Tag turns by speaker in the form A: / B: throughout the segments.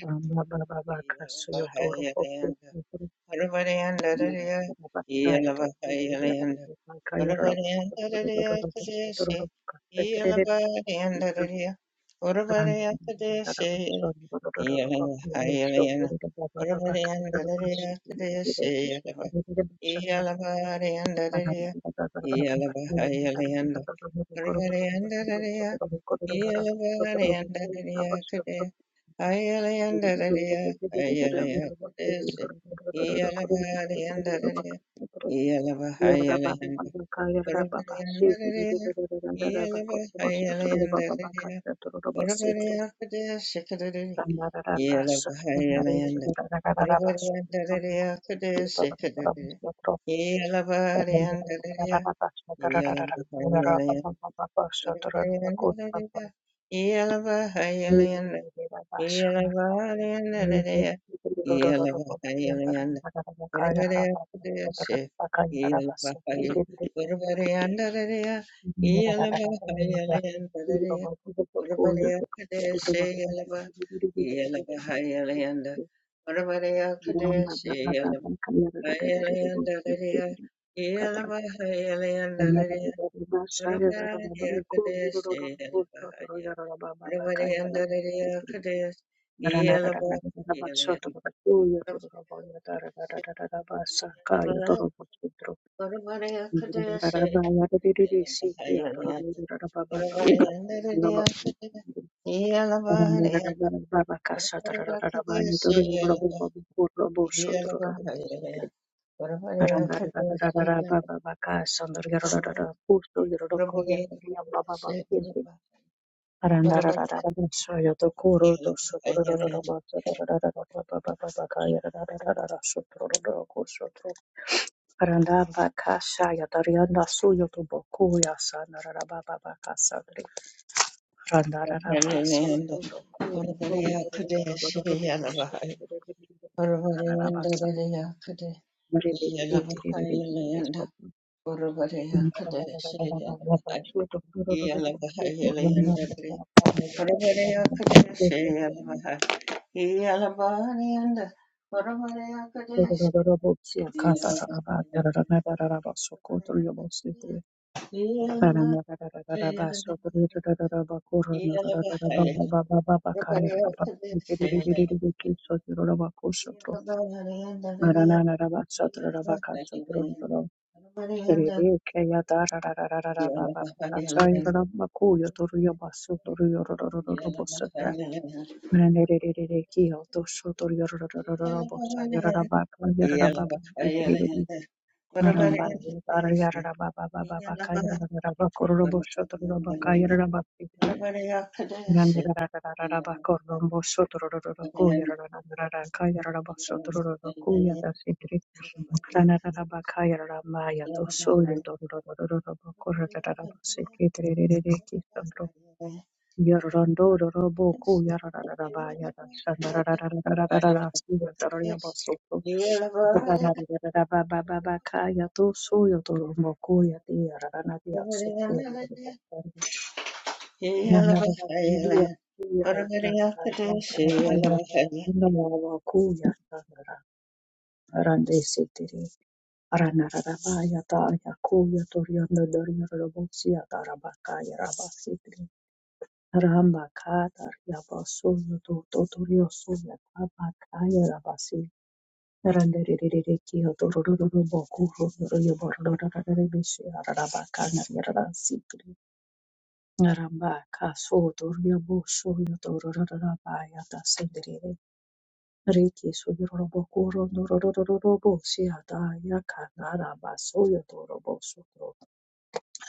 A: Ramba baba baka suyo toro boku toro baba baka ya toro toro ya raba baka ya raba toro toro raba toro baka petre re randa ya raba suyo toro toro raba kuru suyo toro baba baba baka ya raba suyo toro toro re ki suyo toro re chatra randa randa randa randa randa randa randa randa randa koro koro randa randa koro koro randa randa koro koro randa randa Thank you. Shaya da ra ba ba ko ro ro so Randa Randa Thank you. Rerererereki, autosho, toriorororororobo, sayararabaka, yararababa, Aramba Yarada Baba Baba Bakayaraba Korobo Shotoraba Kayaraba Fitri Nandaraba Korombo Sotoroko Yarada Kayaraba Sotoroko Yada Fitri Ranaraba Kayaraba Maya to Soyo Toraba Korada Raba Sikitri Kisandro Yorondo Robo Yarada Baya Sandarada Sandarabaso Ramba katar yabaso yoto totorio so yakaba kaya Randererereki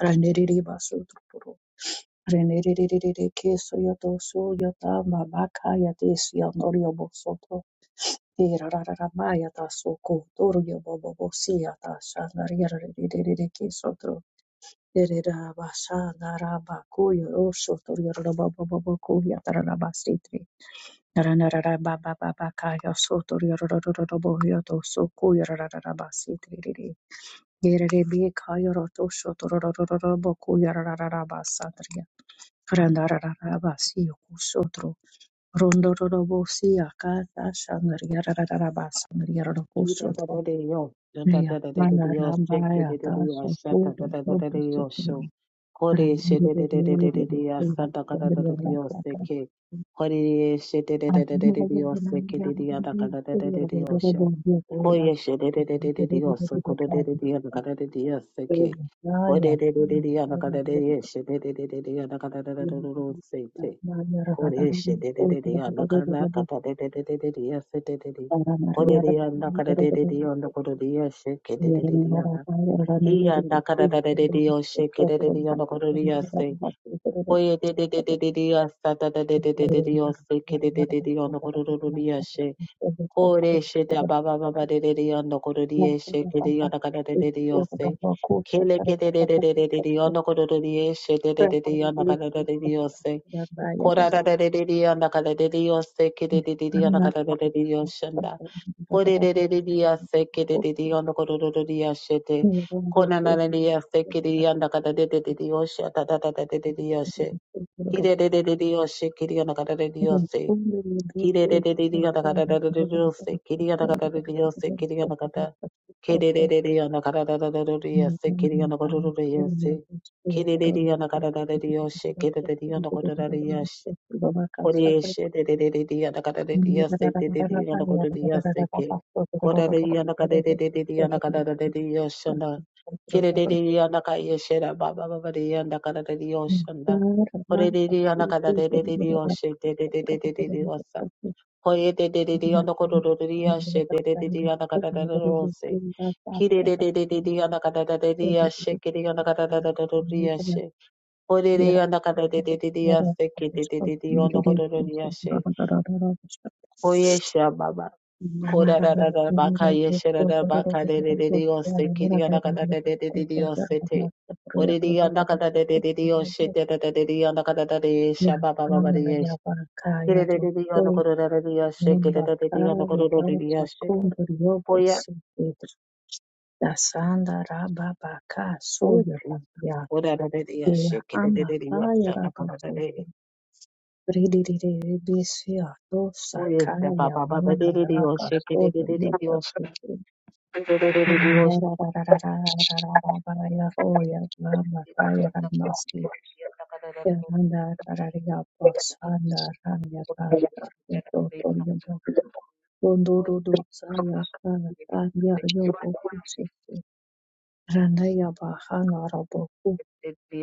A: randerere baso toro randererereki soyoto soyota babaka yatesi yonorio bosho Dira rara ramaya taso ko toryo bobo bosia tasha narira ririri kisotro. Derera basha naraba kuyo rosho toryo robo bobo boku yatara rabasitri. Narana rara baba baba kaya so toryo robo yoto so kuyo rara rabasitri riri. Yere rebi kaya roto sho toryo robo rara rabasatri. Randara rabasi yoku Rondororobosi akata shandariyarararaba
B: Kita Da
A: sandariyarorobosoto
B: da da yo, janta
A: neya
B: da da da da da yo, shake
A: mandarambaya
B: da da da yo,
A: taso
B: shanta
A: kudo
B: da da da da da shatadadadadadio,
A: lobosokuri
B: sho. Kore she da
A: randirererererera
B: sadakadadadadio,
A: sandariyarararaba
B: seke. Kore shedadadadadadio, sekididio, da
A: arimarayandananiyarundu
B: da da da da da yo,
A: seyarororobobiyatera
B: shake da
A: rondorororobokani sandariyaya sandariyarararaba
B: da da da dakadadadadio, seke. Koreshe de nakanaka
A: sandariyarararaba
B: dadededea sededede.
A: Thank
B: Korerea de de de dededea na. Iya nakadadadedea de dededea de se. Koye de de seke dededea nakorerea she. Koreshe da baba baba de nakorerea sheke dededea de se. Kele kededededea nakorerea she de de se. Ko ra ra ra de de dia na ka de de dia se ki de de dia na ka de de dia shenda ko de de de dia se ki de de dia na ko ro ro dia shete ko na na na dia se ki dia na ka da de de de dia sheta da da da de de dia se
A: you.
B: ki de de de dia se ki dia na ka da de de dia se
A: Abafundi biga
B: ki de de de dia na ka da
A: ikoranabuhanga
B: de de dia se ki dia na ka da ki de de de dia na ka da da de de dia se ki dia na ko ro ro dia se ki de de dia na ka da de de dia se ki de de dia na ko da de dia se Koreshe de de de de de yana kada de de yase de de de yana kodo de yase ke. Koda de yana kada de de de de yana kada de de de yoshanda. Kire de de yana kada yeshe da ba ba ba ba de yana kada de de yoshanda. Kore de de yana kada de de de de yoshe de de de de de de de yosa. Koye de de de de yana kodo de de de yashe de de de de yana kada de de yose. Kire de de de de de yana kada de de de yashe kire yana kada de de de de de yashe. Kore de yana kada de de de de yase kire de de de de yana kodo de de yashe. Koyesha baba. Kora ra ra da baka yesha da da baka de de de de yose kiri ana kada de de de de de yose te. Ore de ana kada de de de de yose te de de de de yana kada da de yesha baba baba de yesha. Kiri de de de yana koro ra ra de yose kiri
A: Nyumba
B: de de de yana
A: kaya
B: koro da de de
A: za
B: yose.
A: kondoriyo
B: Koya
A: bosi
B: uchi. Ora ra de de yose kiri de de de yose ana kada de de. Koyesha baba baba de de de yose kiri de de de de yose. De de de de de yose. Thank
A: Rarararararararaba,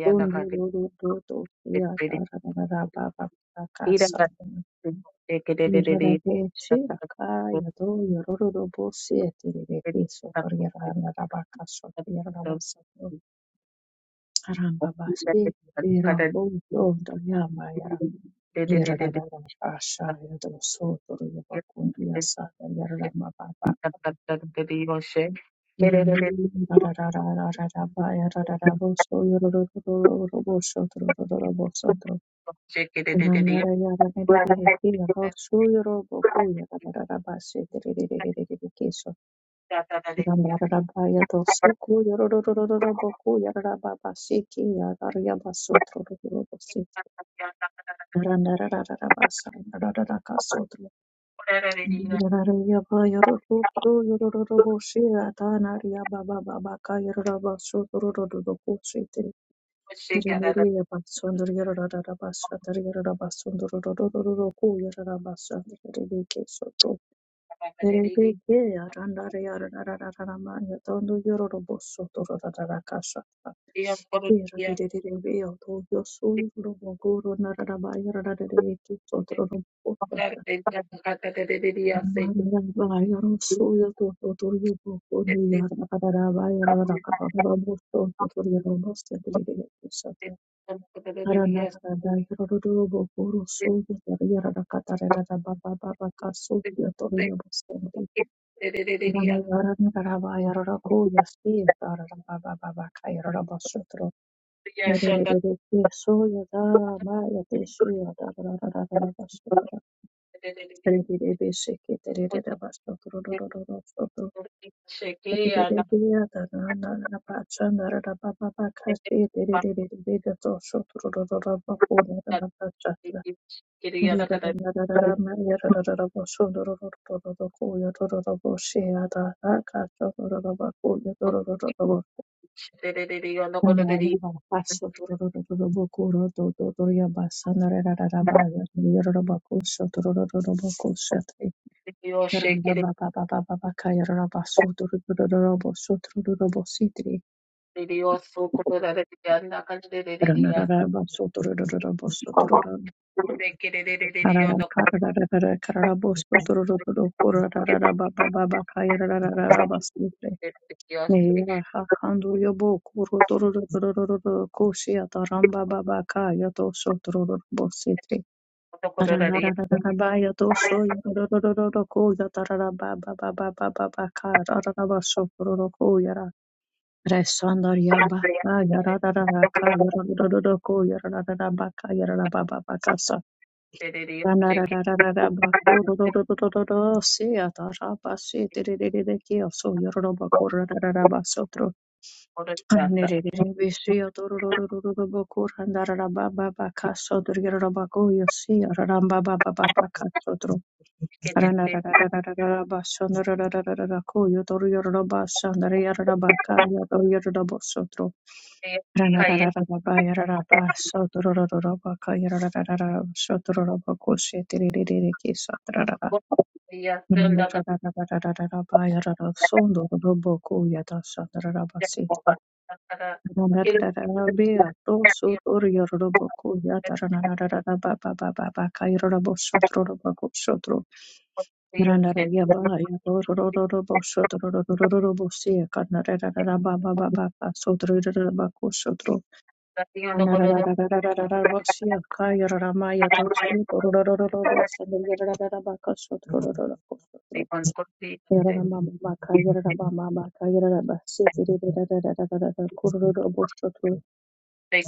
A: yarararabo, so, yorororororobo, so, torororobo, so, Thank
B: you. Shake
A: you. Yeremelia Batsunder Yarada Bashatar Yarada Basundur Roku Yarada Bashander Rebeke Soto Rebeke Yaranda Yarada Yatondo Yorobo Soto Rada Kasha Yarada to Yosu Roboguru Narada Yarada Reki Soto Robota Mara Yarosu Yato Yobo Yarada Yarada Kababos Soto Yarobos Rara Ngirirararararama, yararararabo, sundorororororoko, yororororobo, sheyararaka, sororororobako, yorororororobo, nanayababa, sotorororororobo, kurodododoryaba, sanararararaba, yorororobako, sotororororoboko, shete, yararabababababaka, yararaba, sotororororobo, sotorororobo, sitri, Resandar ya baka yara da da da da ko yara da da da baka araraba sotororo ko yara da ba ba baka yararaba baka Sotro. Sotro Anarararararararabasya kaya raramaya tosro torororororo sandirarararabaka sotrororororo yaramama baka yaramama baka yarabasi tirirarararararara kururoro bosotro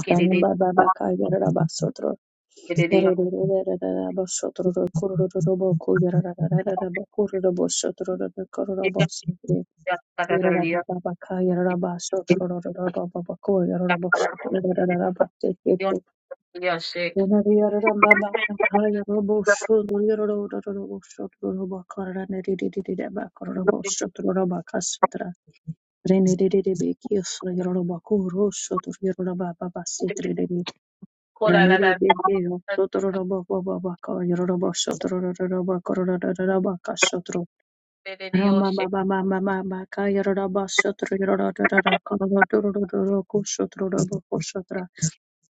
A: kanamba baka yarabasotro yererererarabasotro kururoro boku yarararararaba kururoro bosotro kururoro bosotro yarababa baka yarabasotro rorororo babaku yarabasotro yarabasi Rama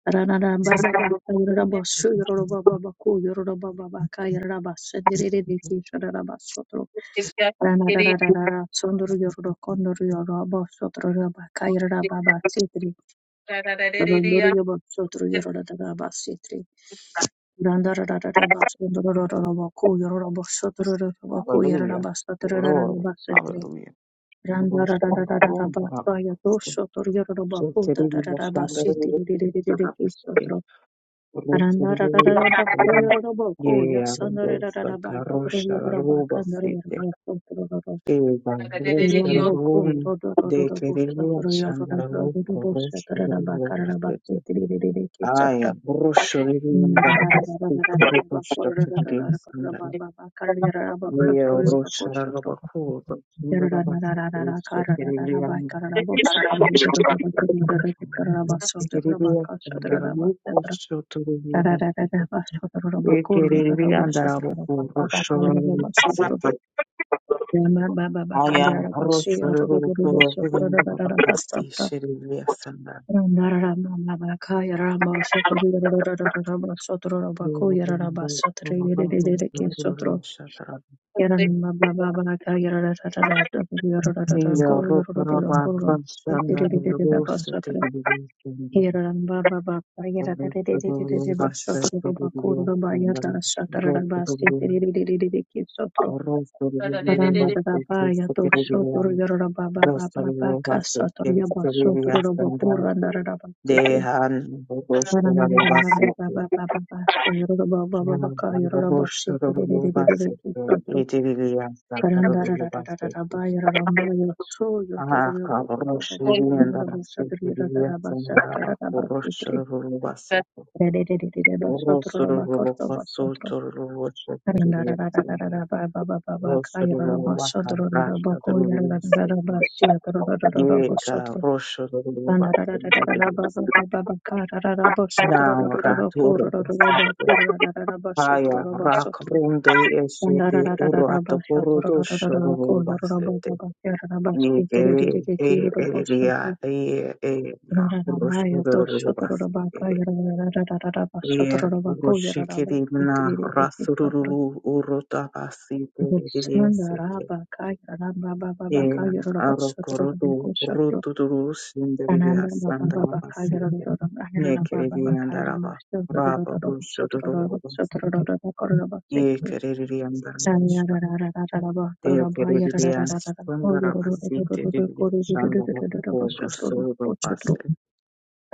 A: Randa
C: Hallelujah. Glory. Hallelujah. Glory. Hallelujah. So today we must stand up and set up this day. Glory to the Lord. Hallelujah.
A: Karabakh,
C: Yeah, Rosa, Carosha, Roba, Sete, Eva, Rosa, Rome, De Querella, Sandra, Roca, Rosa, Roba, Sete, Aya, Rosa, Roba, Sete, Rosa, Roba, Yeo roshara rabakuru roshinda rabashekereye yamukereye andara mukushotere yubakite ekerere andara bokuru shoboye sete
B: Thank
C: aya roshara rokuru rwinda rabakastishereye asanda
A: Yarara
C: Niyo rokaraba rashanda rwose tererere
A: Hiraran Baba Baba
C: to to to
A: Yadadadadadadadadaba
C: to to the the the room, basket, kiss,
A: Sotro
C: kitty, video.
A: Bakura Bayata Satarabasti Didiki Sotro
C: Orros to the room, basket, kiss,
A: Randarabaya to Sotro Yoraba Baba Baba Kasator Yaba
C: kitty, video,
A: Sotro
C: bandana.
A: Bakura
C: They
A: Narabasti
C: had Orros to the room,
A: Ranariram Baba
C: basket.
A: Baba Baba Yoraba Baba Baka
C: And
A: Yoraba
C: Orros to the room, basket.
A: Sitiki Sotro
C: It is after the room, basket.
A: Randarabaya Rambaya So
C: Ah,
A: Yotor Baba
C: Orros to
A: Baba
C: the room,
A: Yoraba
C: basket,
A: Satri
C: kitty, video, bandana. Orros
A: Radarabasti
C: to the room, basket.
A: Sotro
C: Rosso
B: you.
A: Yararamba yato shotorobaka yarararararaba
C: Yeah,
A: shotorobako yararaba
C: Uroshikiri na
A: tiririri patro
C: Rasururu Urota Basi
A: boksanda
C: Seke.
A: raba ka yararamba baba
C: Yeah,
A: baka yararaba shotorobako
C: Arokorodu
A: shotro
C: Ruturu Sindriya
A: anamba baba baba ka
C: Sandarabaseke.
A: yararararaba yararamba baba
C: Nekiri
A: ka yararamba
C: Andaraba Rabo Du
A: shotorobako
C: Shoduru
A: shotorobako
C: Baseke.
A: shotorobako kororaba
C: Ye
A: sekri
C: Keriri
A: san
C: Andarabasha.
A: yarararararaba
C: De
A: kororaba
C: Keriri
A: yarararararaba o yarararararaba
C: Sandarabasite
A: kororaba
C: Shandarabasuru
A: shotorobako
C: Base.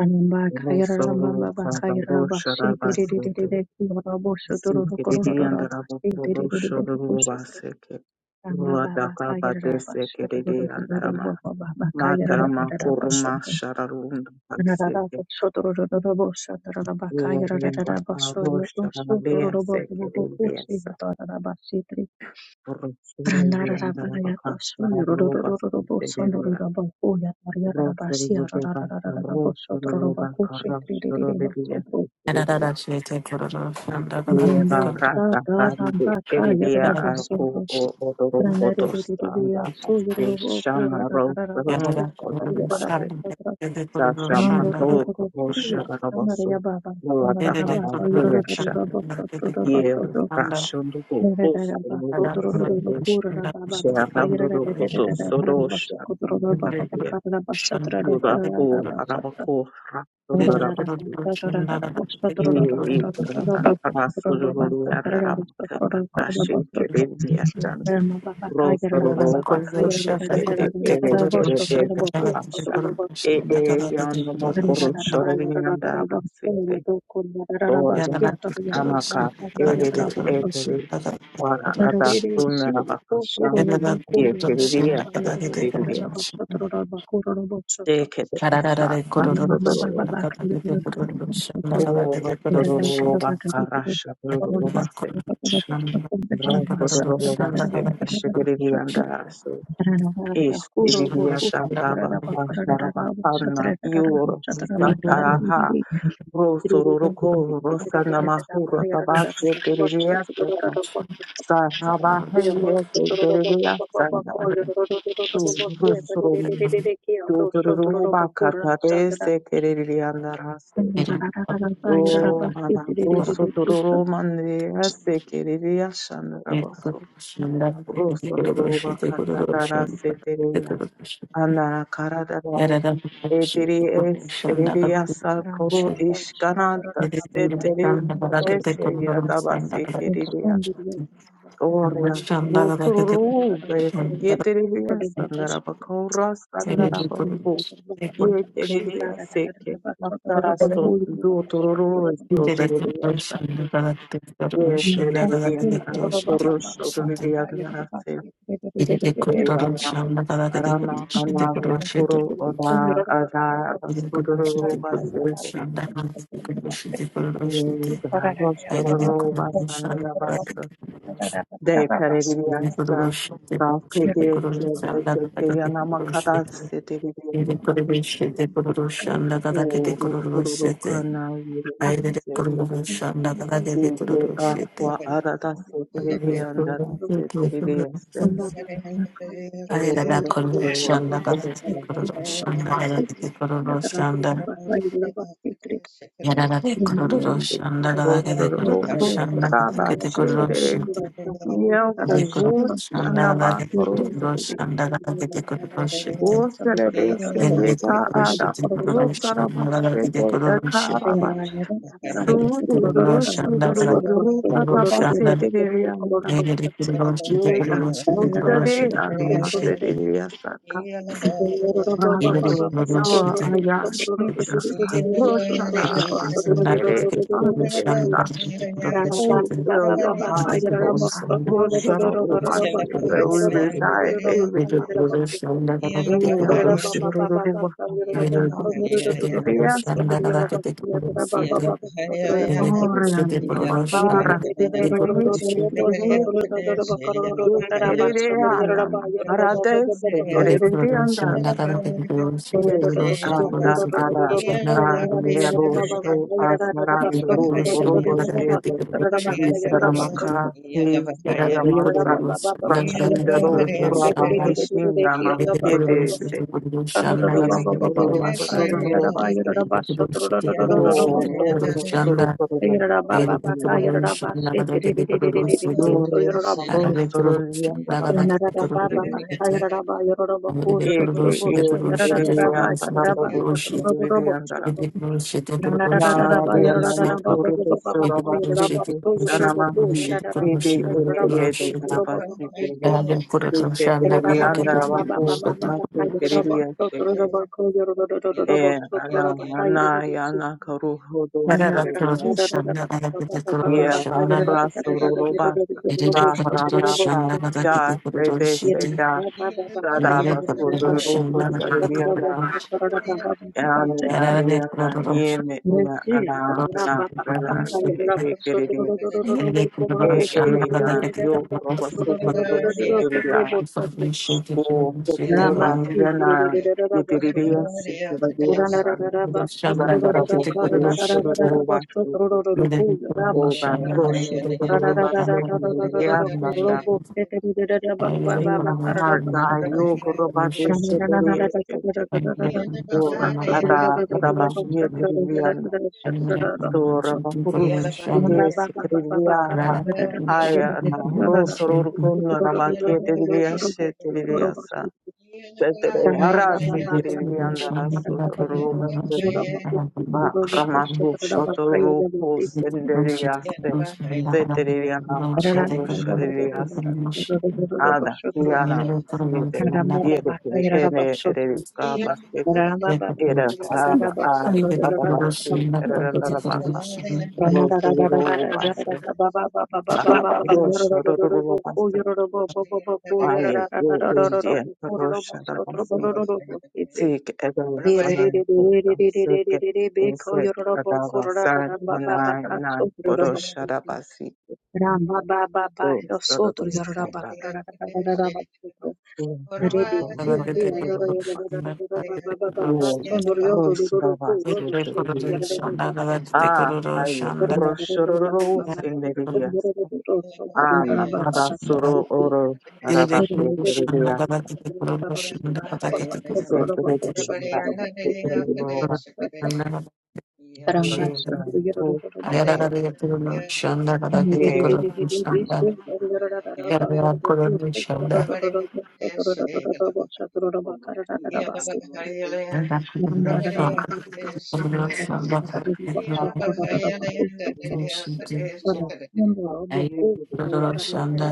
A: Anamba kaira mama
C: Rosuru
A: baba kaira ramba shi diri diri diri
C: Kabarosharabasete.
A: diri kura bosho duro duro kura
C: Sikiriri
A: duro ramba
C: andarabo
A: shi diri diri
C: kurusho
A: diri bosho duro
C: rububaseke.
A: ramba baba
C: Ruataka
A: kaira ramba
C: badese
A: shi duro
C: kiriri
A: duro duro duro
C: andarama.
A: baba baba kaira ramba
C: Matarama kuruma
A: duro
C: shararundu
A: duro bosho duro ramba
C: baseke.
A: bosho duro duro duro bosho duro ramba kaira ramba
C: Ruarenda
A: ramba bosho yo
C: karusha
A: bosho duro
C: rabea
A: duro baba baba kushi
C: sekiririasa.
A: hato ramba shi diri randa
C: Ruchururu
A: ramba
C: andarabo
A: ya bosho
C: kastara
A: yo duro duro duro
C: rubaseke
A: bosho duro
C: dirira.
A: ramba kuya kaira ramba shi
C: Ruchururu
A: randa
C: bebaka
A: ramba bosho duro
C: ruchururu
A: ramba
C: baka
A: kushi diri diri
C: ruchururu
A: diri bosho
D: Shanda
C: bebaka Eva
A: Rumbo sa
C: rata kandi
A: daramba ka
C: eridia
A: yarabo
C: aku
A: sundro.
C: o odoro podostanda
A: Ranaririya so
C: aske
A: yorobo
C: shana
A: kora
C: ro
A: rararaba
C: ro
A: sundra pari raraba
C: kodiribaste
A: sundra.
C: sa shama
A: Rando
C: ro
A: rorobo
C: kosha
A: siya
C: rabasu
A: kamaraya baba
C: mula taka
A: kamaraba ka
C: vazvesha
A: yororororobo sundro
C: ye
A: robo sundro.
C: rashondo ko posto
A: Rararaba
C: ro
A: sundro
C: paseto
A: rorobo kora raba baba ka
C: sharando ro potosto ro
A: yarararararararaba sundro robo
C: shama
A: baba
C: urde
A: ka raraba sundra
C: yura ko
A: rararaba sundra.
C: arabako
A: Sotro
C: rasondo E ikranda rasululu yanda rabakata nashi kedevi yastan rosaru roba setu sete ere ere eka parasha e e yanda mokuru shorevi yanda rabasete
D: Yarabash,
C: organ amaka ere ere ere wara ada sunna rabakasham ye kedevi yaste kedevi yaste dekede esha rasululu o rasululu roba
A: Sandra.
C: karasha Rabaste, Shigirianda, so Ish, Iviata, Tava, Asharabahana, Yur, Santaraha, Rosuruko, Rosana Mahura, Tabasco, Deriviasta, Sahabahaya, Deriviasanda, to Rusrum, to Ruruba Catadese, Kerilianda Raso. O Rada Russo, Tururuman, the Ese, Keriliasan, rabaso.
D: Shanda It is a
C: Rosorova Katatara Seteria Anara Karadara Ediri Esk Eridia Sakoro
A: Randa Dacha
C: Ishkanata
A: Dharana Baba Baba
C: Seteri
A: Baka Sutra
C: Padesha Yadabasi Kiridia
A: Responded with Kaira
C: Orla
A: Rada
C: Rosorove Yeteridia
A: Baka
C: Sandaraba
A: Sutra
C: Kora Sandaraba Hu Yeteridia Seke Naftarasto Dotororo Sotaridia Sa Yeteridia Naraba Koro Sotoridia
D: control of Sham,
C: Rama
D: the Kalaka, the
C: Rama
D: condition, the
C: Anavna
D: corrosion to
C: Kuru
D: the
C: Oda Ada
D: Ele conhece de
C: Rasturu
D: por
C: Vasiko
D: deixar da raça, conhece de
A: Thank you.
D: por rochete.
A: Thank
C: Niga
D: Ele
C: Rosturu
D: conhece de
C: Vasanirabasa De
D: por
C: Karediasta
D: rochete. Ele conhece de por
A: you.
D: rochete,
C: Rakete
D: conhece
C: Chede
D: da
C: Chete
D: raça que de por
C: Yanamakata
D: rochete.
C: Sete
D: Ele
C: Vidianda
D: conhece de por rochete, da raça que de por
C: Uru Kuru
D: rochete.
C: Kana Yiri
D: Ele
C: Sete
D: conhece da raça que de por
C: Ike
D: rochete.
C: Aqua Arada Sete
D: Ele
C: Vidianda Sete Vidiaste
D: conhece Ayada
C: Uru
D: da kuru
C: Rosturu
D: shanda kada
C: Vasiko
D: kuru shanda kada kuru shanda Yararare kururu
C: Brava,
D: shandara dake de kururu shandara dake de kururu shite de kururu shandara dake de
A: Thank
D: kururu shandara dake de kururu shite yere de kururu shite kururu shandara dake de kururu shite dake de kururu shandara dake kururu shandara yere de kururu shite kururu shite kururu shite kururu shite yere de kururu shite kururu shite kururu shite dake de kururu shandara dake de kururu shandara dake de kururu
C: Oh,
D: shite
C: fill your house,
D: Thank
C: Lord God. Lord, shut up, oh, my Savior. We reside daily, God.
A: you.
C: Oh, yeah, oh,
A: Yerababa
C: shut up, oh, oh, oh, oh, oh, oh, oh, yes, God. Oh, yeah, oh, oh, oh, oh, oh, shut up, oh, my Savior. oh, oh, oh, De kerere anam, arades, de kerere andas, de te anda aras, da nebo shru asmaran duru, Nistaramaka, Nistaramasa, Rashindaro, Uraba,
D: you.
C: Hishinama,
D: Shanda
C: Yedese,
A: Thank
C: Estero, Bastante. Oh, oh, Soro, Coro, Viandara, Yoro, Soro, Soro, Viandara, Bastante, Ege, Eri, Eri, Eri, Eri, Nare nama puru de surabasiki shanamaki ede ede ede karabasiki de
A: you.
C: eke ede
A: Thank
C: yanda rabaku nasu kiriya seke e ana ana yana karu hodo
D: Shanda
C: sere nasu ye rasu rurubasa rahrata ka ja de de se ja sada basu dururuko sare Ariana yeme una ala la kurala ye ye kerediense. E e ya yo roba super dosto dunia.
A: you.
C: O de
A: Ramba
C: roba yana ye
A: basotro.
C: diriria si kuradia san
A: Urararara
C: san
A: basotro rorora
C: garabo kurushto
A: karararara
C: roba
A: basotro
C: suku.
A: rororo ku ramba
C: O ba
A: satra.
C: roshto roba se kurudia
A: Rarararararararara ku
C: sanda.
A: robo teterirara ba ba ba
C: In
A: ba
C: the
D: Thank
A: karara
C: heart, I
A: basotra.
C: yo kuroba deshe
A: Rarararararara
C: derieste.
A: rarararararara
C: Ora
A: basotro
C: ada ada
A: rororo basatra
C: bahye
A: rararararara basatra
C: Sora
A: basotro.
C: Bakurus
A: Ramba ba
C: Kides
A: ba ba ba ba
C: Trivia
A: karara
C: Haya
A: rarararararara
C: Rosoror Kunla
A: basotro rororo
C: Rabaki
A: basotro
C: Trivia
A: rororo
C: Shetriviasa
A: basotro Rana
C: Arasi Kirivianda Rasu Roba Sete Makrama Shotoru Hus and Deviaste Setriviana Makurush Riviasa Ada Yana Siete Yeri Ene
D: you.
C: Erika Baskets
D: Shanda
C: Era Ava Adabasi Erabaka Rozdorodobasre, nada, rosharodorobasre, ani, ye, eje, rosharodobasre, sik, edo,
A: Thank
C: sananakota, sik, desek, adava, san, anay, nan,
A: you.
C: kodosharodobasre, do, sorodobasre, do, sorodobasre, rosharodobasre, rosharodobasre, ah, ay, rosharodobasre, Ama abasoro oro arabaku tereliasa sekereli zibaba sekerelo basu
A: Ramba
C: ye ro zibaba ye ashi zibaba zibaba
D: Shanda,
C: zibaba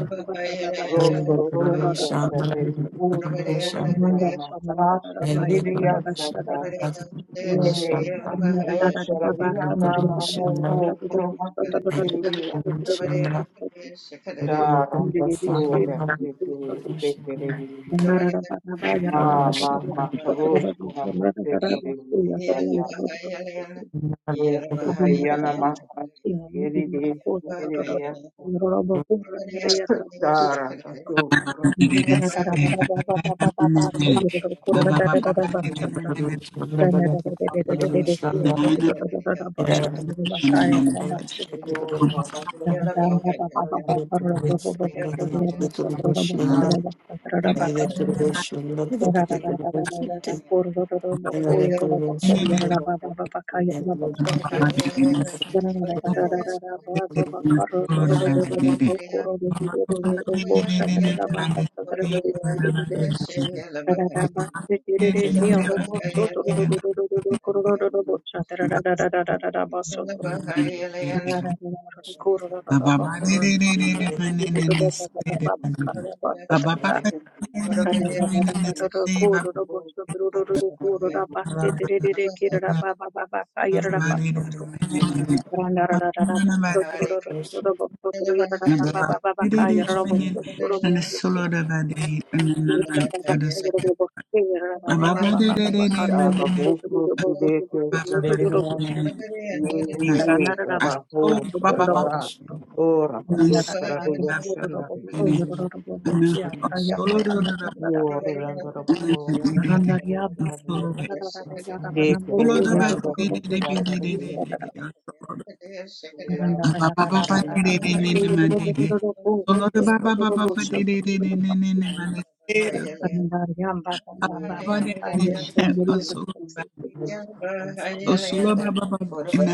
C: ro soro ro ro shate u ro ro ro ro ama ashi tereliasa Yega,
A: Thank
C: Roshararia Nama Hoho Promastiria, Dara, Basura, Siki, Sekiri, Mama, Makrosh, Nama Sekiri, Dara, Sekiana Maka, Yeri, Yeri, Dara, Sasu,
E: Thank
C: Roshari,
A: you. Thank
C: Thank
A: you. Thank you.
E: you. Baba
D: Thank
C: you. Sarabukru Sudeke Sereniana, Yehi Garaho Saragara, Ora Batu
E: Solo
C: Saraguya Shanda Blessed, Yoranda
A: Randarararararararara.
C: Rabako, Rabastu Sarabia, Ekerelianda Shataria,
A: Baba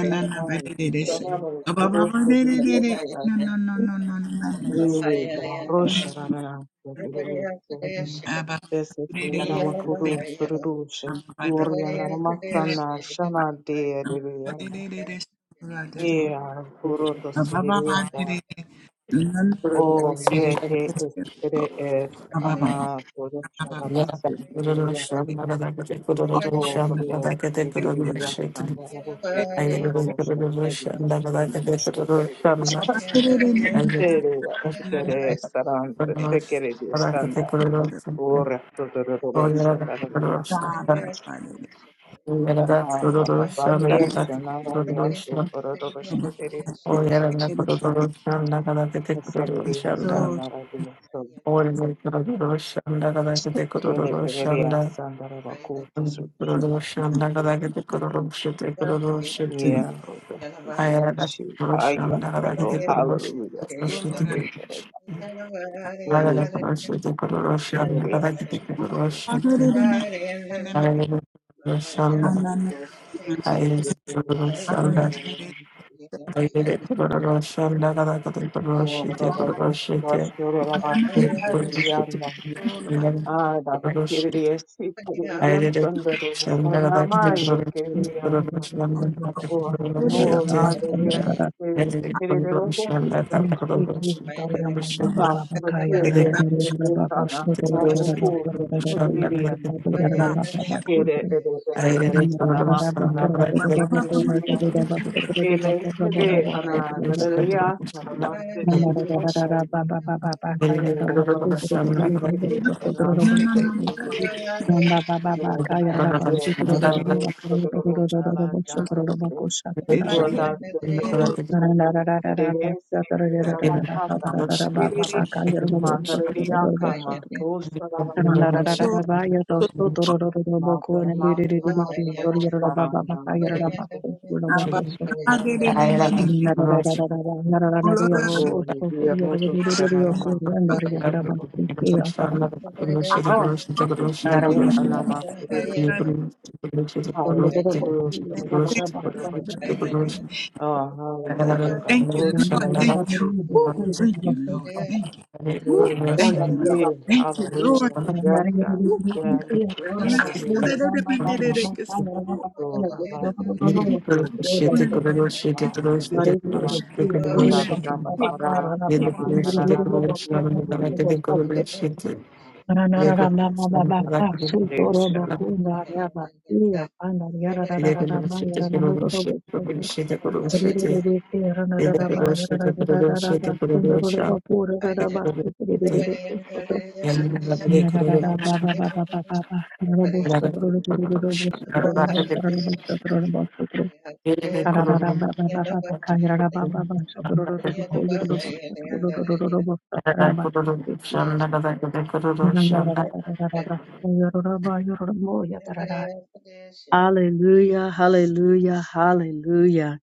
C: Nakal, Sarano, Kuros, Rodriguez, Ee, barusharara, bese kuyana makuru sururushe,
E: Thank
C: yoriyana masana shana de reviyasa. Ee, arukuro to siririyada. Oh, ye he
D: you.
C: es ere es ana porushara
D: Yeah,
C: basi reviyasa. Oh, bro, ye reviyasa na reviyasa, reviyasa, reviyasa. Pero, si quieres, saran, se quiere Ora todororosha darabiyasa. Ah, ba ba ba. Reisha narayasu todororosha derivi. Eseriyasa
D: Shanda,
C: narayasu. Sere teriyasa
D: I
C: narabakuto
D: did a
C: sunsha.
D: Shandaka, the Kurosh, The Kurosh,
C: Yeah, Lord. She haya. Lord, Hallelujah. Say for it. Lulu sanata. Eseriyasa narabakuto.
D: The
C: Lulu
D: Shanda
C: todororosha. Ba- Eseriyasa
E: you.
C: narayasu. Oh, Rabba, Bashur,
E: Thank
C: Rabba, Kiriyan, Ah, Rabba, Kiriyan, Kiriyan, Sandero, Panamaya, Kiriyan, Oh, no, Lado, Kiriyan,
D: Thank
C: Kiriyan, Sandero, Ah, Matiya, Esana, Lado, Kurso, Shudriyan, Kere, Ede, Ede, Esana, Rabba, Kiriyan, Ele, Ede, Ana, Dadariya, Sarama, Kiriyan, Oh, Father, for secret, Shalom, sacred,
A: Ramba baba
C: Yoga,
A: baka yarara basu toro
C: Yoga,
A: toro toro
C: Baruch,
A: toro
C: Sodorun,
A: toro toro toro toro basu toro toro
C: Alakarashi,
A: bako shaka rara baka.
C: Rota, Sekereshi,
A: Rara rara rara
C: Nidesi,
A: basu toro toro toro toro toro
C: Rabakatana,
A: toro toro baba baka yarara basu toro toro toro basu
C: Matariyakama,
A: toro. Rara
C: Rosarashi,
A: rara rara ba yarara basu toro toro toro bako
C: Mata,
A: ne di
C: Mata,
A: di di di di
C: Mata,
A: ki toro yarara baba baka
C: Mastarandaya,
A: yarara
C: So,
A: basu toro toro bako
D: you.
C: Oh,
A: shaka.
D: Thank
A: Rara
C: Rabakatana,
A: rara rara rara yarara rara yarara
C: Glory,
A: basu
C: we
A: toro
C: are
A: yarara
C: Rotos,
A: toro toro toro bako
C: Kananama,
A: yarara
C: Sacred,
A: yarara basu ki
C: Oh, Sekere,
A: yarara basu.
C: Anama, Hallelujah.
A: Randa
C: Glory to the Lord, to the Lord. Oh, hallelujah, God.
E: you,
C: Glory to the
E: Lord.
C: Lord,
E: Thank you.
C: to the
E: Woo.
C: Lord.
E: Thank you, Lord. Thank you. Woo.
C: Glory, to God.
E: Thank you, Lord.
C: Yeah,
E: Thank you, Lord.
C: hallelujah. Yes, God. Yes, hallelujah.
E: Thank you. Woo.
C: Glory, to God. Yes, to the Lord. Allah, yes, Allah.
D: you.
C: Sasham, Allah,
D: Yeni
C: Nama,
D: bir şeyde
C: Allah, yes, to
D: kuruluşlarını
C: the
D: da
C: Lord.
D: rakete kuruluşuydu. Yeni
C: To the
D: kuruluşlarını da
C: Lord.
D: rakete
C: Yes.
D: kuruluşuydu. Yeni kuruluşuydu kuruluşuydu kuruluşuydu kuruluşuydu. Yeni kuruluşuydu kuruluşuydu kuruluşuydu. Yeni kuruluşuydu. Yeni rakete kuruluşuydu. Rakete kuruluşuydu. Rakete yeni kuruluşuydu. Rakete kuruluşuydu. Rakete kuruluşuydu. Rakete kuruluşuydu.
A: Hallelujah, hallelujah, hallelujah.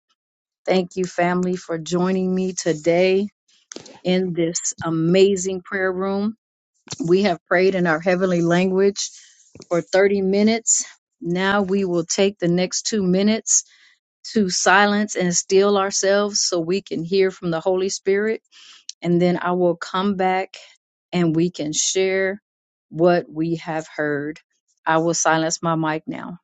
A: Thank you, family, for joining me today. in this amazing prayer room. We have prayed in our heavenly language for 30 minutes. Now we will take the next two minutes to silence and still ourselves so we can hear from the Holy Spirit. And then I will come back and we can share what we have heard. I will silence my mic now.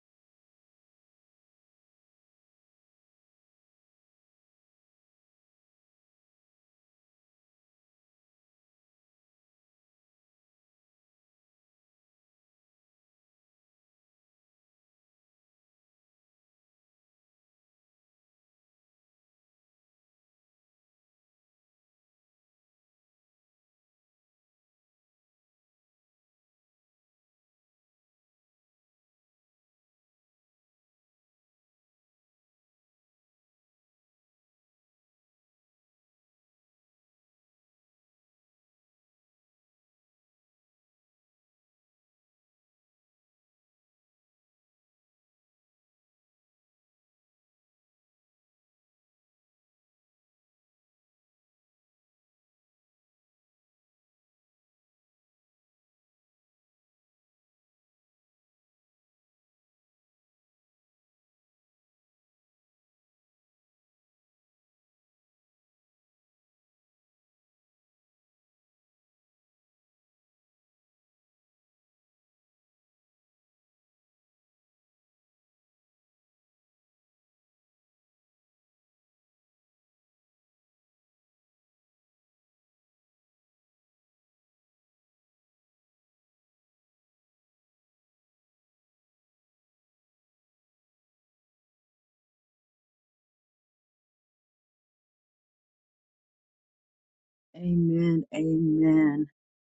A: Amen. Amen.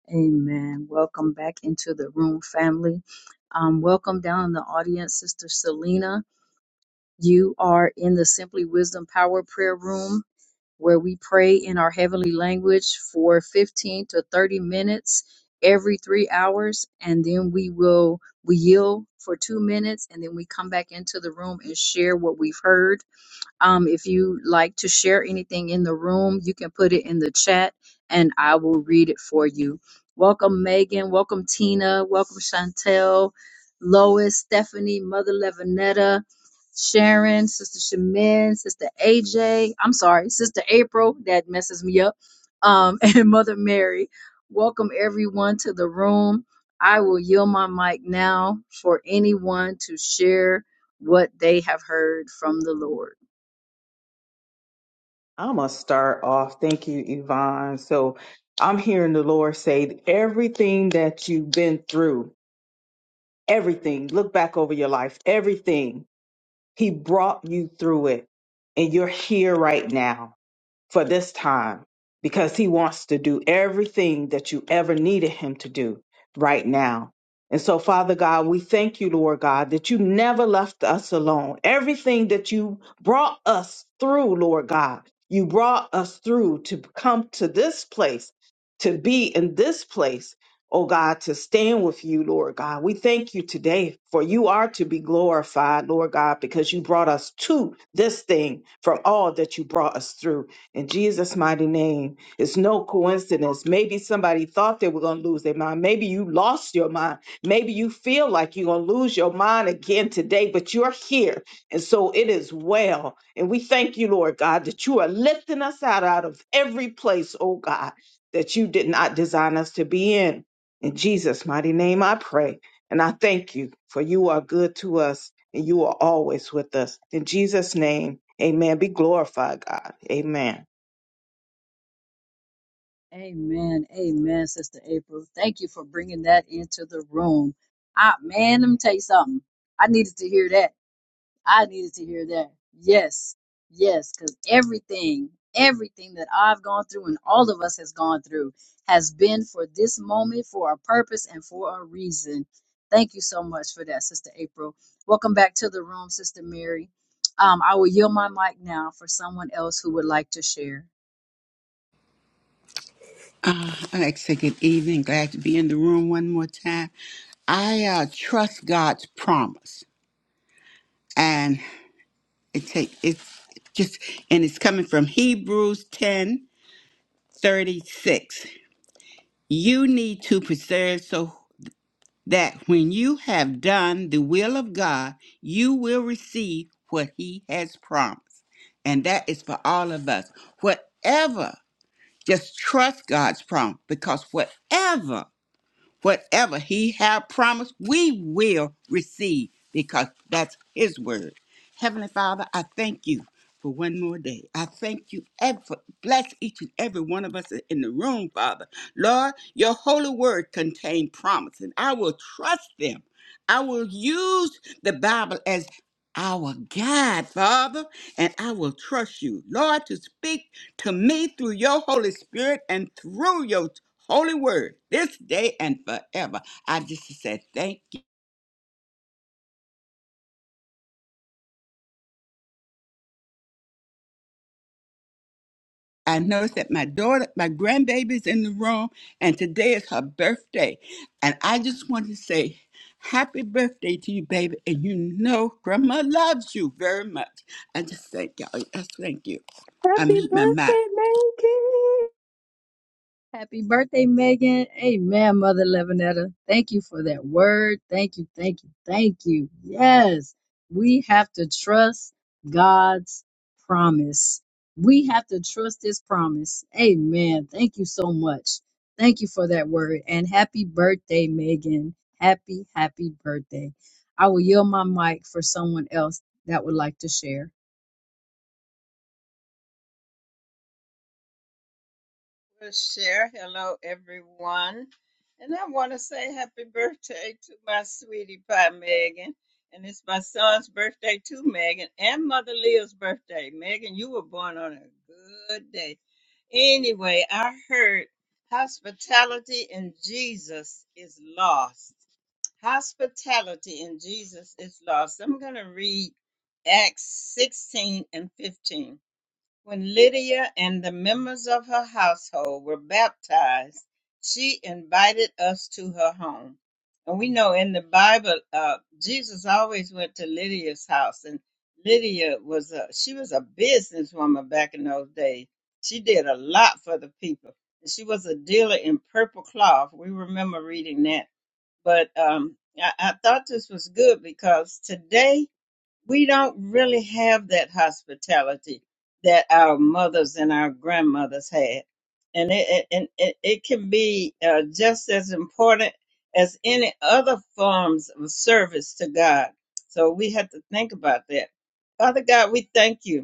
A: Amen. Welcome back into the room, family. Um, welcome down in the audience, Sister Selena. You are in the Simply Wisdom Power Prayer Room where we pray in our heavenly language for 15 to 30 minutes every three hours. And then we will, we yield for two minutes and then we come back into the room and share what we've heard um, if you like to share anything in the room, you can put it in the chat and I will read it for you. Welcome, Megan. Welcome, Tina. Welcome, Chantel, Lois, Stephanie, Mother Levinetta, Sharon, Sister Shemin, Sister AJ. I'm sorry, Sister April. That messes me up. Um, and Mother Mary. Welcome, everyone, to the room. I will yield my mic now for anyone to share what they have heard from the Lord.
C: I'm going to start off. Thank you, Yvonne. So I'm hearing the Lord say everything that you've been through. everything. Look back over your life, everything. He brought you through it, and you're here right now for this time because he wants to do everything that you ever needed him to do right now. And so, Father God, we thank you, Lord God, that you never left us alone. Everything that you brought us through, Lord God, you brought us through to come to this place, to be in this place, oh God, to stand with you, Lord God. We thank you today for you are to be glorified, Lord God, because you brought us to this thing from all that you brought us through. In Jesus' mighty name, it's no coincidence. Maybe somebody thought they were going to lose their mind. Maybe you lost your mind. Maybe you feel like you're going to lose your mind again today, but you're here. And so it is well. And we thank you, Lord God, that you are lifting us out, out of every place, oh God, that you did not design us to be in. In Jesus' mighty name, I pray. And I thank you, for you are good to us and you are always with us. In Jesus' name, amen. Be glorified, God. Amen.
A: Amen. Amen, Sister April. Thank you for bringing that into the room. I, man, let me tell you something. I needed to hear that. I needed to hear that. Yes. Yes. Because everything, everything that I've gone through and all of us has gone through has been for this moment, for a purpose, and for a reason. Thank you so much for that, Sister April. Welcome back to the room, Sister Mary. Um, I will yield my mic now for someone else who would like to share.
E: Uh, I say good evening. Glad to be in the room one more time. I uh, trust God's promise, and it take it's just and it's coming from Hebrews ten thirty six. You need to preserve so that when you have done the will of God, you will receive what He has promised, and that is for all of us. Whatever Just trust God's promise because whatever whatever he have promised, we will receive because that's his word. Heavenly Father, I thank you for one more day. I thank you and for bless each and every one of us in the room, Father. Lord, your holy word contains promise, and I will trust them. I will use the Bible as our guide, Father, and I will trust you, Lord, to speak to me through your Holy Spirit and through your holy word this day and forever. I just said thank you. I noticed that my daughter, my grandbaby's in the room, and today is her birthday. And I just want to say happy birthday to you, baby. And you know grandma loves you very much. I just thank y'all. Yes, thank you. I
C: Happy
E: meet my mind.
C: birthday, Maggie.
A: Happy birthday, Megan. Amen, Mother Levinetta. Thank you for that word. Thank you, thank you, thank you. Yes, we have to trust God's promise. We have to trust His promise. Amen. Thank you so much. Thank you for that word. And happy birthday, Megan. Happy, happy birthday. I will yield my mic for someone else that would like to share.
F: Hospitality in Jesus is lost. Hospitality in Jesus is lost. I'm going to read Acts 16 and 15. When Lydia and the members of her household were baptized, she invited us to her home. And we know in the Bible, uh, Jesus always went to Lydia's house, and Lydia was a she was a businesswoman back in those days. She did a lot for the people. She was a dealer in purple cloth. We remember reading that. But um, I, I thought this was good because today we don't really have that hospitality that our mothers and our grandmothers had, and it it- and it, it can be uh, just as important as any other forms of service to God. So we have to think about that. Father God, we thank you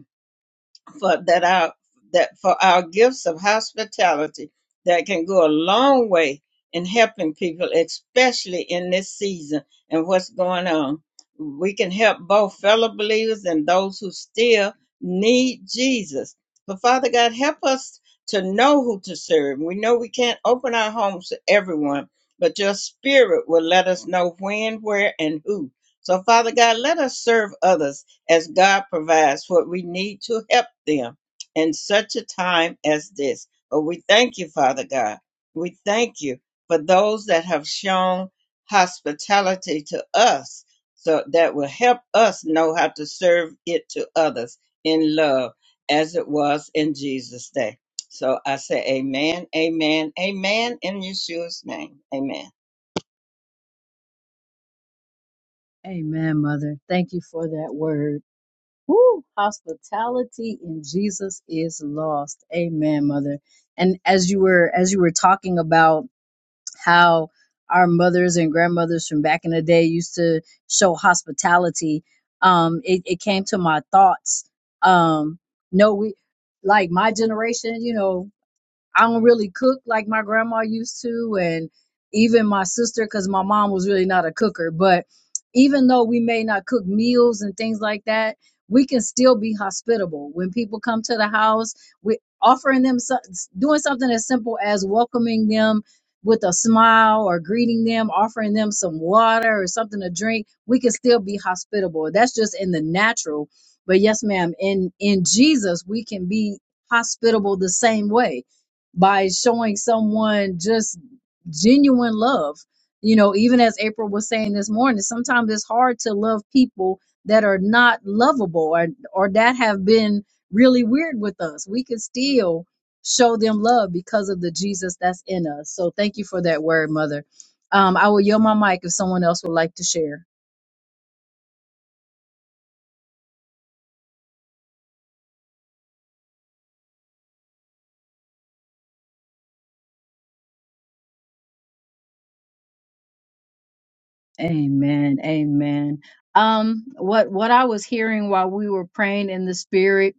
F: for that our that for our gifts of hospitality that can go a long way in helping people, especially in this season and what's going on. We can help both fellow believers and those who still need Jesus. But Father God, help us to know who to serve. We know we can't open our homes to everyone, but your spirit will let us know when, where, and who. So, Father God, let us serve others as God provides what we need to help them in such a time as this. But we thank you, Father God. We thank you for those that have shown hospitality to us so that will help us know how to serve it to others in love as it was in Jesus' day. So I say amen, amen, amen in Yeshua's name. Amen. I
A: Amen, Mother. Thank you for that word. Woo! Hospitality in Jesus is lost. Amen, mother. And as you were as you were talking about how our mothers and grandmothers from back in the day used to show hospitality, um, it, it came to my thoughts. Um, no, we like my generation, you know, I don't really cook like my grandma used to, and even my sister, because my mom was really not a cooker. But even though we may not cook meals and things like that, we can still be hospitable. When people come to the house, we offering them so, doing something as simple as welcoming them with a smile or greeting them, offering them some water or something to drink. We can still be hospitable. That's just in the natural. But yes, ma'am, in in Jesus, we can be hospitable the same way by showing someone just genuine love. You know, even as April was saying this morning, sometimes it's hard to love people that are not lovable or or that have been really weird with us. We can still show them love because of the Jesus that's in us. So thank you for that word, mother. Um, I will yield my mic if someone else would like to share. Amen. Amen. Um, what what I was hearing while we were praying in the spirit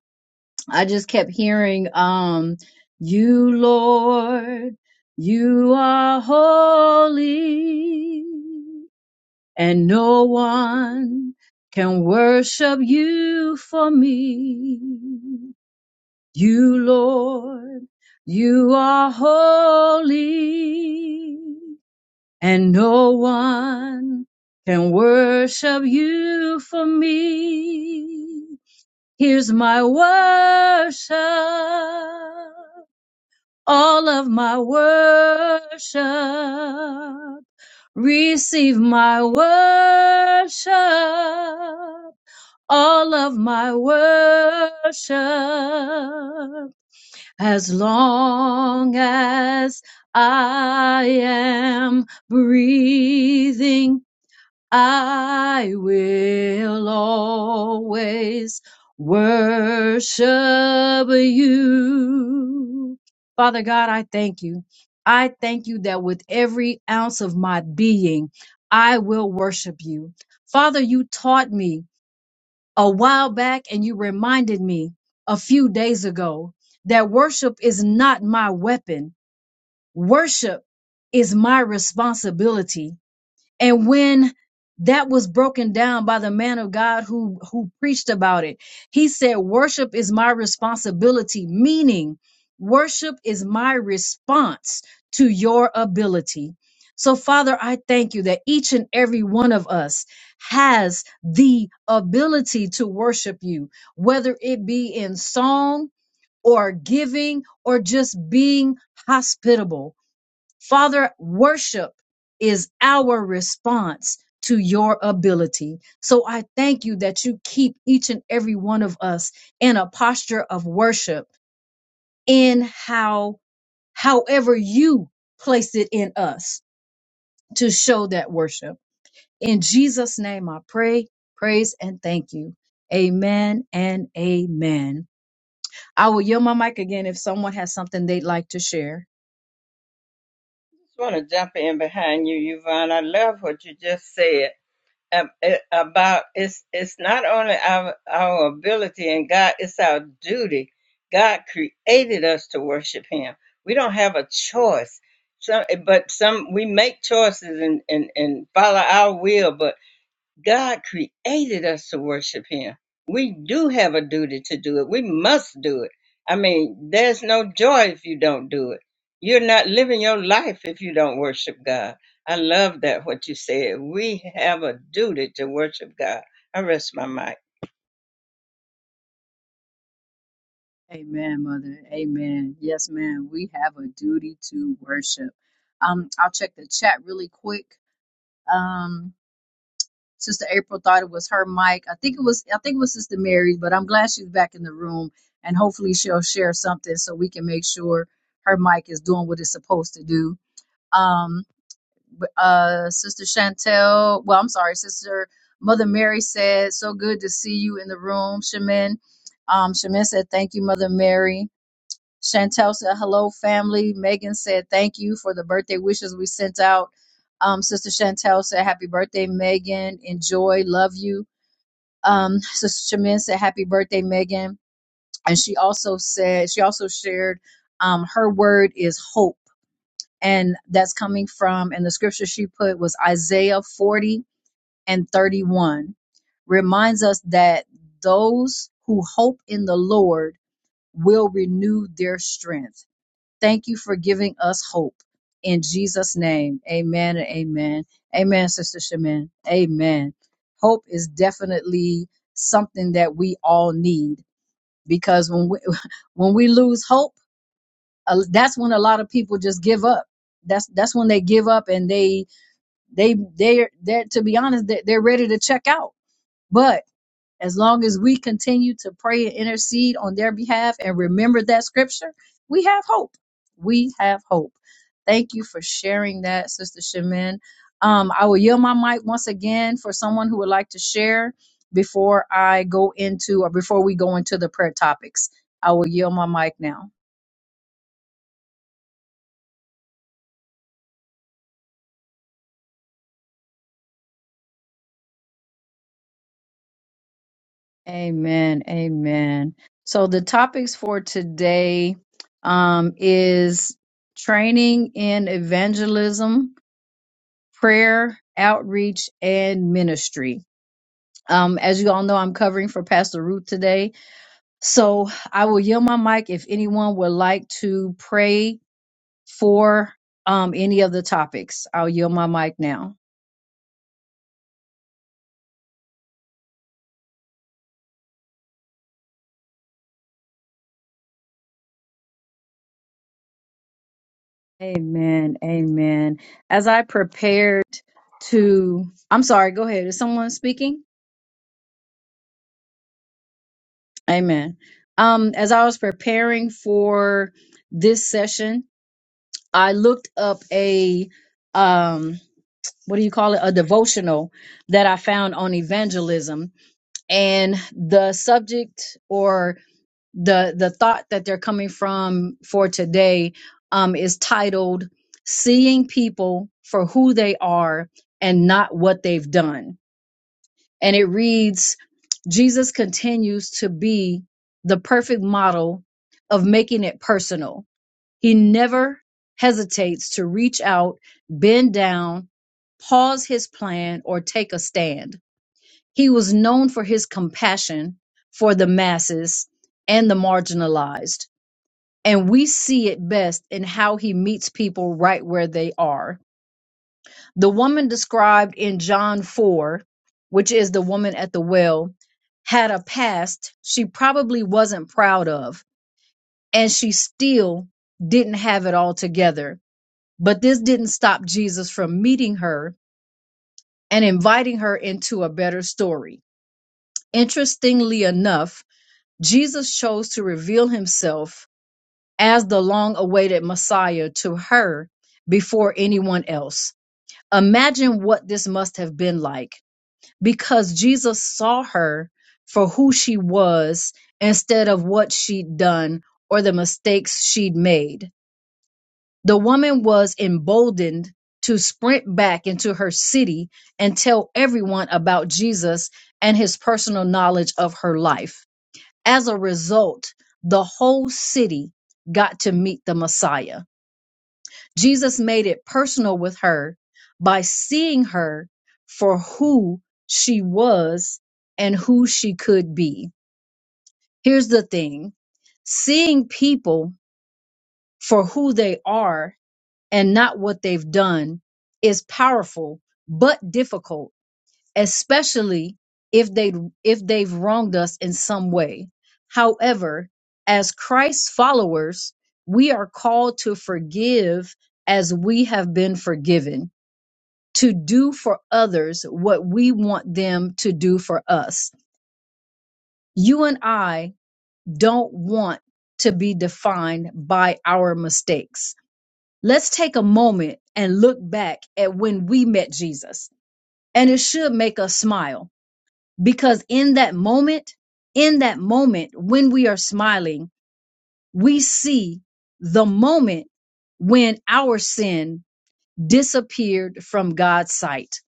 A: I just kept hearing, um, you Lord, you are holy and no one can worship you for me. You Lord, you are holy and no one can worship you for me. Here's my worship, all of my worship. Receive my worship, all of my worship. As long as I am breathing, I will always worship you. Father God, I thank you. I thank you that with every ounce of my being, I will worship you. Father, you taught me a while back and you reminded me a few days ago that worship is not my weapon. Worship is my responsibility and when that was broken down by the man of God who who preached about it he said worship is my responsibility meaning worship is my response to your ability so father i thank you that each and every one of us has the ability to worship you whether it be in song or giving or just being hospitable Father, worship is our response to your ability. So I thank you that you keep each and every one of us in a posture of worship in how, however you place it in us to show that worship. In Jesus' name, I pray, praise, and thank you. Amen and amen. I will yield my mic again if someone has something they'd like to share.
F: just want to jump in behind you, Yvonne. I love what you just said ab- eh, about it's it's not only our our ability and God, it's our duty. God created us to worship Him. We don't have a choice. Some, eh, but some we make choices and and and follow our will, but God created us to worship Him. We do have a duty to do it. We must do it. I mean, there's no joy if you don't do it. You're not living your life if you don't worship God. I love that what you said. We have a duty to worship God. I rest my mic.
A: Amen, Mother. Amen. Yes, ma'am. We have a duty to worship. Um, I'll check the chat really quick. Um, Sister April thought it was her mic. I think it was. I think it was Sister Mary, but I'm glad she's back in the room, and hopefully she'll share something so we can make sure her mic is doing what it's supposed to do. Um, but, uh, Sister Chantel. Well, I'm sorry, Sister Mother Mary said, "So good to see you in the room, Shemin. Um, Shemin said, "Thank you, Mother Mary." Chantel said, hello, family. Megan said, thank you for the birthday wishes we sent out. Um, Sister Chantel said, happy birthday, Megan. Enjoy. Love you. Um, Sister Chamin said, happy birthday, Megan. And she also said, she also shared, um, her word is hope. And that's coming from, and the scripture she put was Isaiah 40 and 31 reminds us that those who hope in the Lord will renew their strength Thank you for giving us hope. In Jesus' name, amen and amen. Amen, Sister Shaman. Amen. Hope is definitely something that we all need because when we, when we lose hope, uh, that's when a lot of people just give up. That's that's when they give up and they they they they're they're- to be honest they they're ready to check out. But as long as we continue to pray and intercede on their behalf and remember that scripture, we have hope. We have hope. Thank you for sharing that, Sister Shemin. Um, I will yield my mic once again for someone who would like to share before I go into or before we go into the prayer topics. I will yield my mic now. Amen. Amen. So the topics for today um, is training in evangelism prayer, outreach, and ministry. Um, as you all know, I'm covering for Pastor Ruth today. So I will yield my mic if anyone would like to pray for um, any of the topics. I'll yield my mic now. Amen. Amen. As I prepared to, I'm sorry, go ahead. Is someone speaking? Amen. Um, as I was preparing for this session, I looked up a um what do you call it a devotional that i found on evangelism and the subject or the the thought that they're coming from for today um is titled seeing people for who they are and not what they've done and it reads jesus continues to be the perfect model of making it personal he never hesitates to reach out, bend down, pause his plan, or take a stand. He was known for his compassion for the masses and the marginalized. And we see it best in how he meets people right where they are. The woman described in John 4, which is the woman at the well, had a past she probably wasn't proud of, and she still didn't have it all together but this didn't stop Jesus from meeting her and inviting her into a better story. Interestingly enough, Jesus chose to reveal himself as the long awaited Messiah to her before anyone else. Imagine what this must have been like because Jesus saw her for who she was instead of what she'd done or the mistakes she'd made The woman was emboldened to sprint back into her city and tell everyone about Jesus and his personal knowledge of her life. As a result, the whole city got to meet the Messiah. Jesus made it personal with her by seeing her for who she was and who she could be. Here's the thing seeing people for who they are and not what they've done is powerful but difficult especially if they if they've wronged us in some way however as christ's followers we are called to forgive as we have been forgiven to do for others what we want them to do for us you and i don't want to be defined by our mistakes Let's take a moment and look back at when we met Jesus. And it should make us smile because in that moment, in that moment when we are smiling, we see the moment when our sin disappeared from God's sight.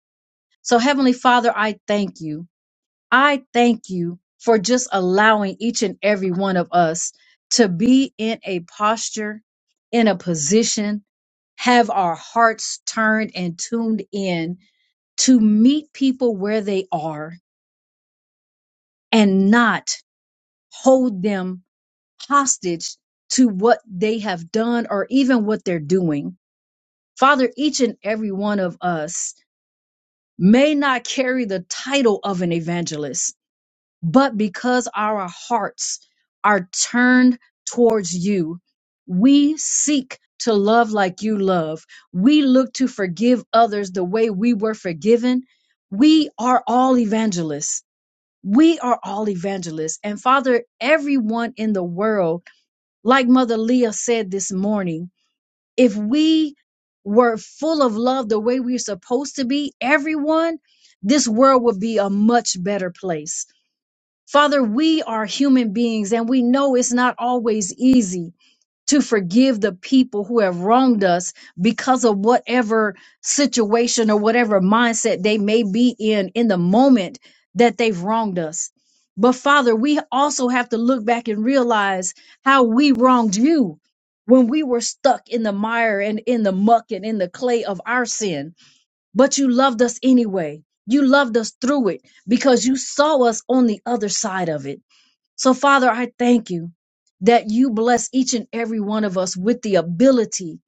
A: So, Heavenly Father, I thank you I thank you for just allowing each and every one of us to be in a posture, in a position, have our hearts turned and tuned in to meet people where they are and not hold them hostage to what they have done or even what they're doing. Father, each and every one of us may not carry the title of an evangelist But because our hearts are turned towards you, we seek to love like you love. We look to forgive others the way we were forgiven. We are all evangelists. We are all evangelists. And Father, everyone in the world, like Mother Leah said this morning, if we were full of love the way we're supposed to be, everyone, this world would be a much better place Father, we are human beings and we know it's not always easy to forgive the people who have wronged us because of whatever situation or whatever mindset they may be in in the moment that they've wronged us. But Father, we also have to look back and realize how we wronged you when we were stuck in the mire and in the muck and in the clay of our sin but you loved us anyway. You loved us through it because you saw us on the other side of it. So, Father, I thank you that you bless each and every one of us with the ability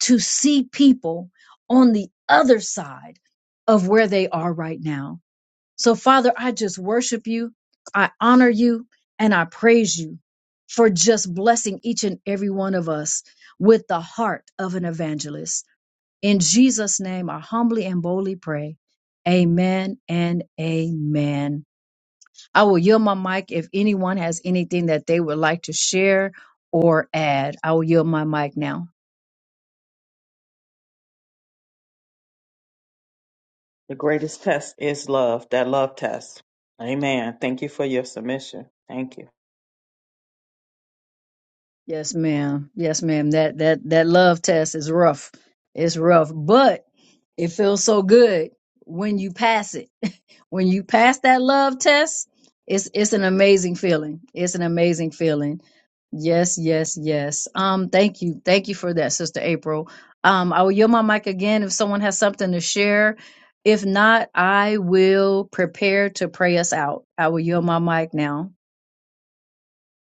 A: to see people on the other side of where they are right now. So, Father, I just worship you, I honor you, and I praise you for just blessing each and every one of us with the heart of an evangelist. In Jesus' name, I humbly and boldly pray. Amen and amen. I will yield my mic if anyone has anything that they would like to share or add. I will yield my mic now.
C: The greatest test is love, that love test. Amen. Thank you for your submission. Thank you.
A: Yes, ma'am. Yes, ma'am. That that that love test is rough. It's rough, but it feels so good when you pass it. when you pass that love test, it's it's an amazing feeling. It's an amazing feeling. Yes, yes, yes. Um, thank you, thank you for that, Sister April. Um, I will yield my mic again if someone has something to share. If not, I will prepare to pray us out. I will yield my mic now.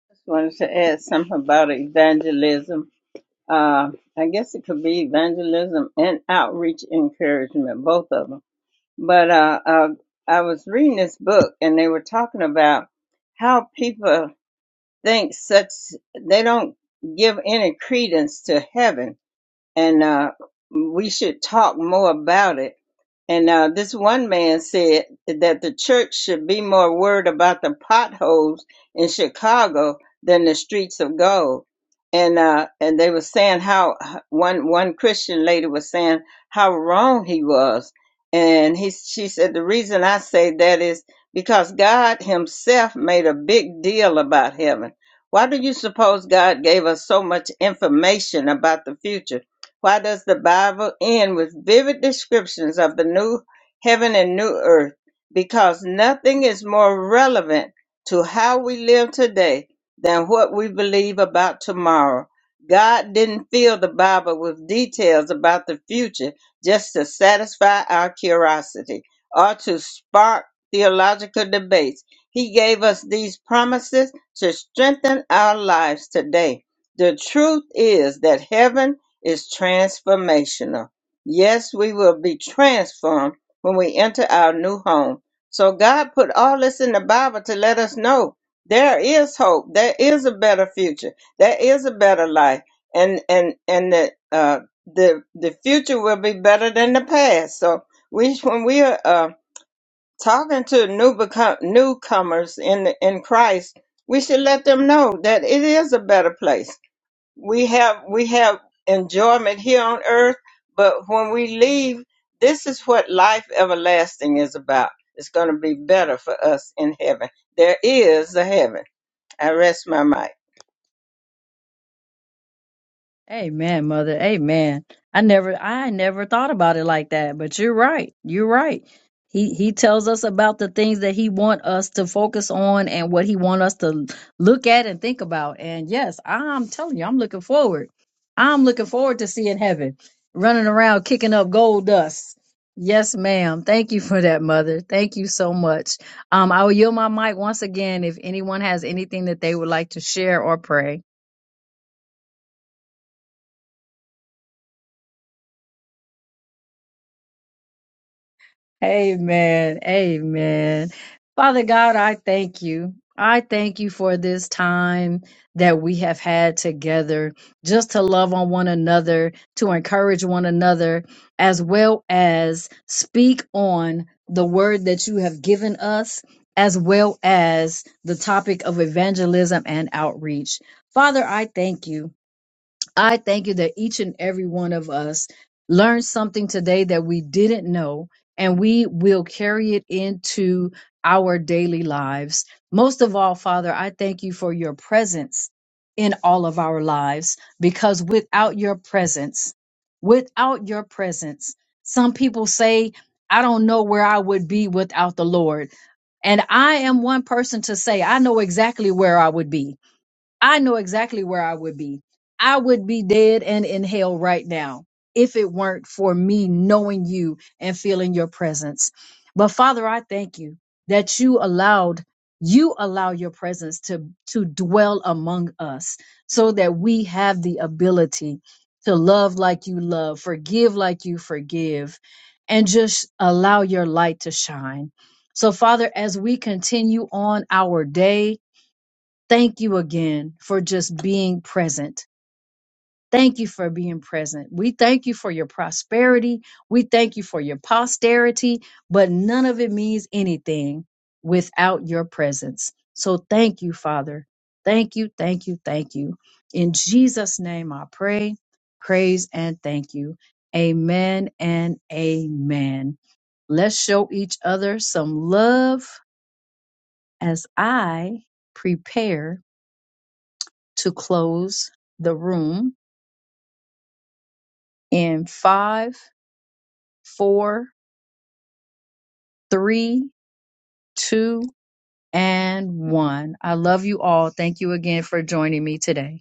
F: Just wanted to add something about evangelism. Uh, I guess it could be evangelism and outreach encouragement, both of them but uh, uh, I was reading this book and they were talking about how people think such they don't give any credence to heaven and uh, we should talk more about it. And uh, this one man said that the church should be more worried about the potholes in Chicago than the streets of gold. And uh, and they were saying how one one Christian lady was saying how wrong he was, and he she said the reason I say that is because God Himself made a big deal about heaven. Why do you suppose God gave us so much information about the future? Why does the Bible end with vivid descriptions of the new heaven and new earth? Because nothing is more relevant to how we live today than what we believe about tomorrow. God didn't fill the Bible with details about the future just to satisfy our curiosity or to spark theological debates. He gave us these promises to strengthen our lives today. The truth is that heaven is transformational. Yes, we will be transformed when we enter our new home. So God put all this in the Bible to let us know there is hope, there is a better future, there is a better life, and and and the uh, the the future will be better than the past. So we when we are uh, talking to new become, newcomers in in Christ, we should let them know that it is a better place we have we have enjoyment here on earth but when we leave this is what life everlasting is about it's going to be better for us in heaven there is a heaven i rest my mic
A: Amen, mother. Amen. I never I never thought about it like that, but you're right. You're right. He he tells us about the things that he want us to focus on and what he want us to look at and think about. And yes, I'm telling you, I'm looking forward. I'm looking forward to seeing heaven, running around kicking up gold dust. Yes, ma'am. Thank you for that, mother. Thank you so much. Um, I will yield my mic once again if anyone has anything that they would like to share or pray. Amen. Amen. Father God, I thank you. I thank you for this time that we have had together just to love on one another, to encourage one another, as well as speak on the word that you have given us, as well as the topic of evangelism and outreach. Father, I thank you. I thank you that each and every one of us learned something today that we didn't know, and we will carry it into our daily lives. Most of all, Father, I thank you for your presence in all of our lives because without your presence, without your presence, some people say, I don't know where I would be without the Lord. And I am one person to say, I know exactly where I would be I know exactly where I would be. I would be dead and in hell right now if it weren't for me knowing you and feeling your presence. But Father, I thank you that you allowed you allow your presence to to dwell among us so that we have the ability to love like you love, forgive like you forgive, and just allow your light to shine. So Father, as we continue on our day, Thank you again for just being present. Thank you for being present. We thank you for your prosperity. We thank you for your posterity, but none of it means anything without your presence. So thank you, Father. Thank you, thank you, thank you. In Jesus' name I pray, praise, and thank you. Amen and amen. Let's show each other some love as I prepare to close the room in five, four, three, two, and one. I love you all. Thank you again for joining me today.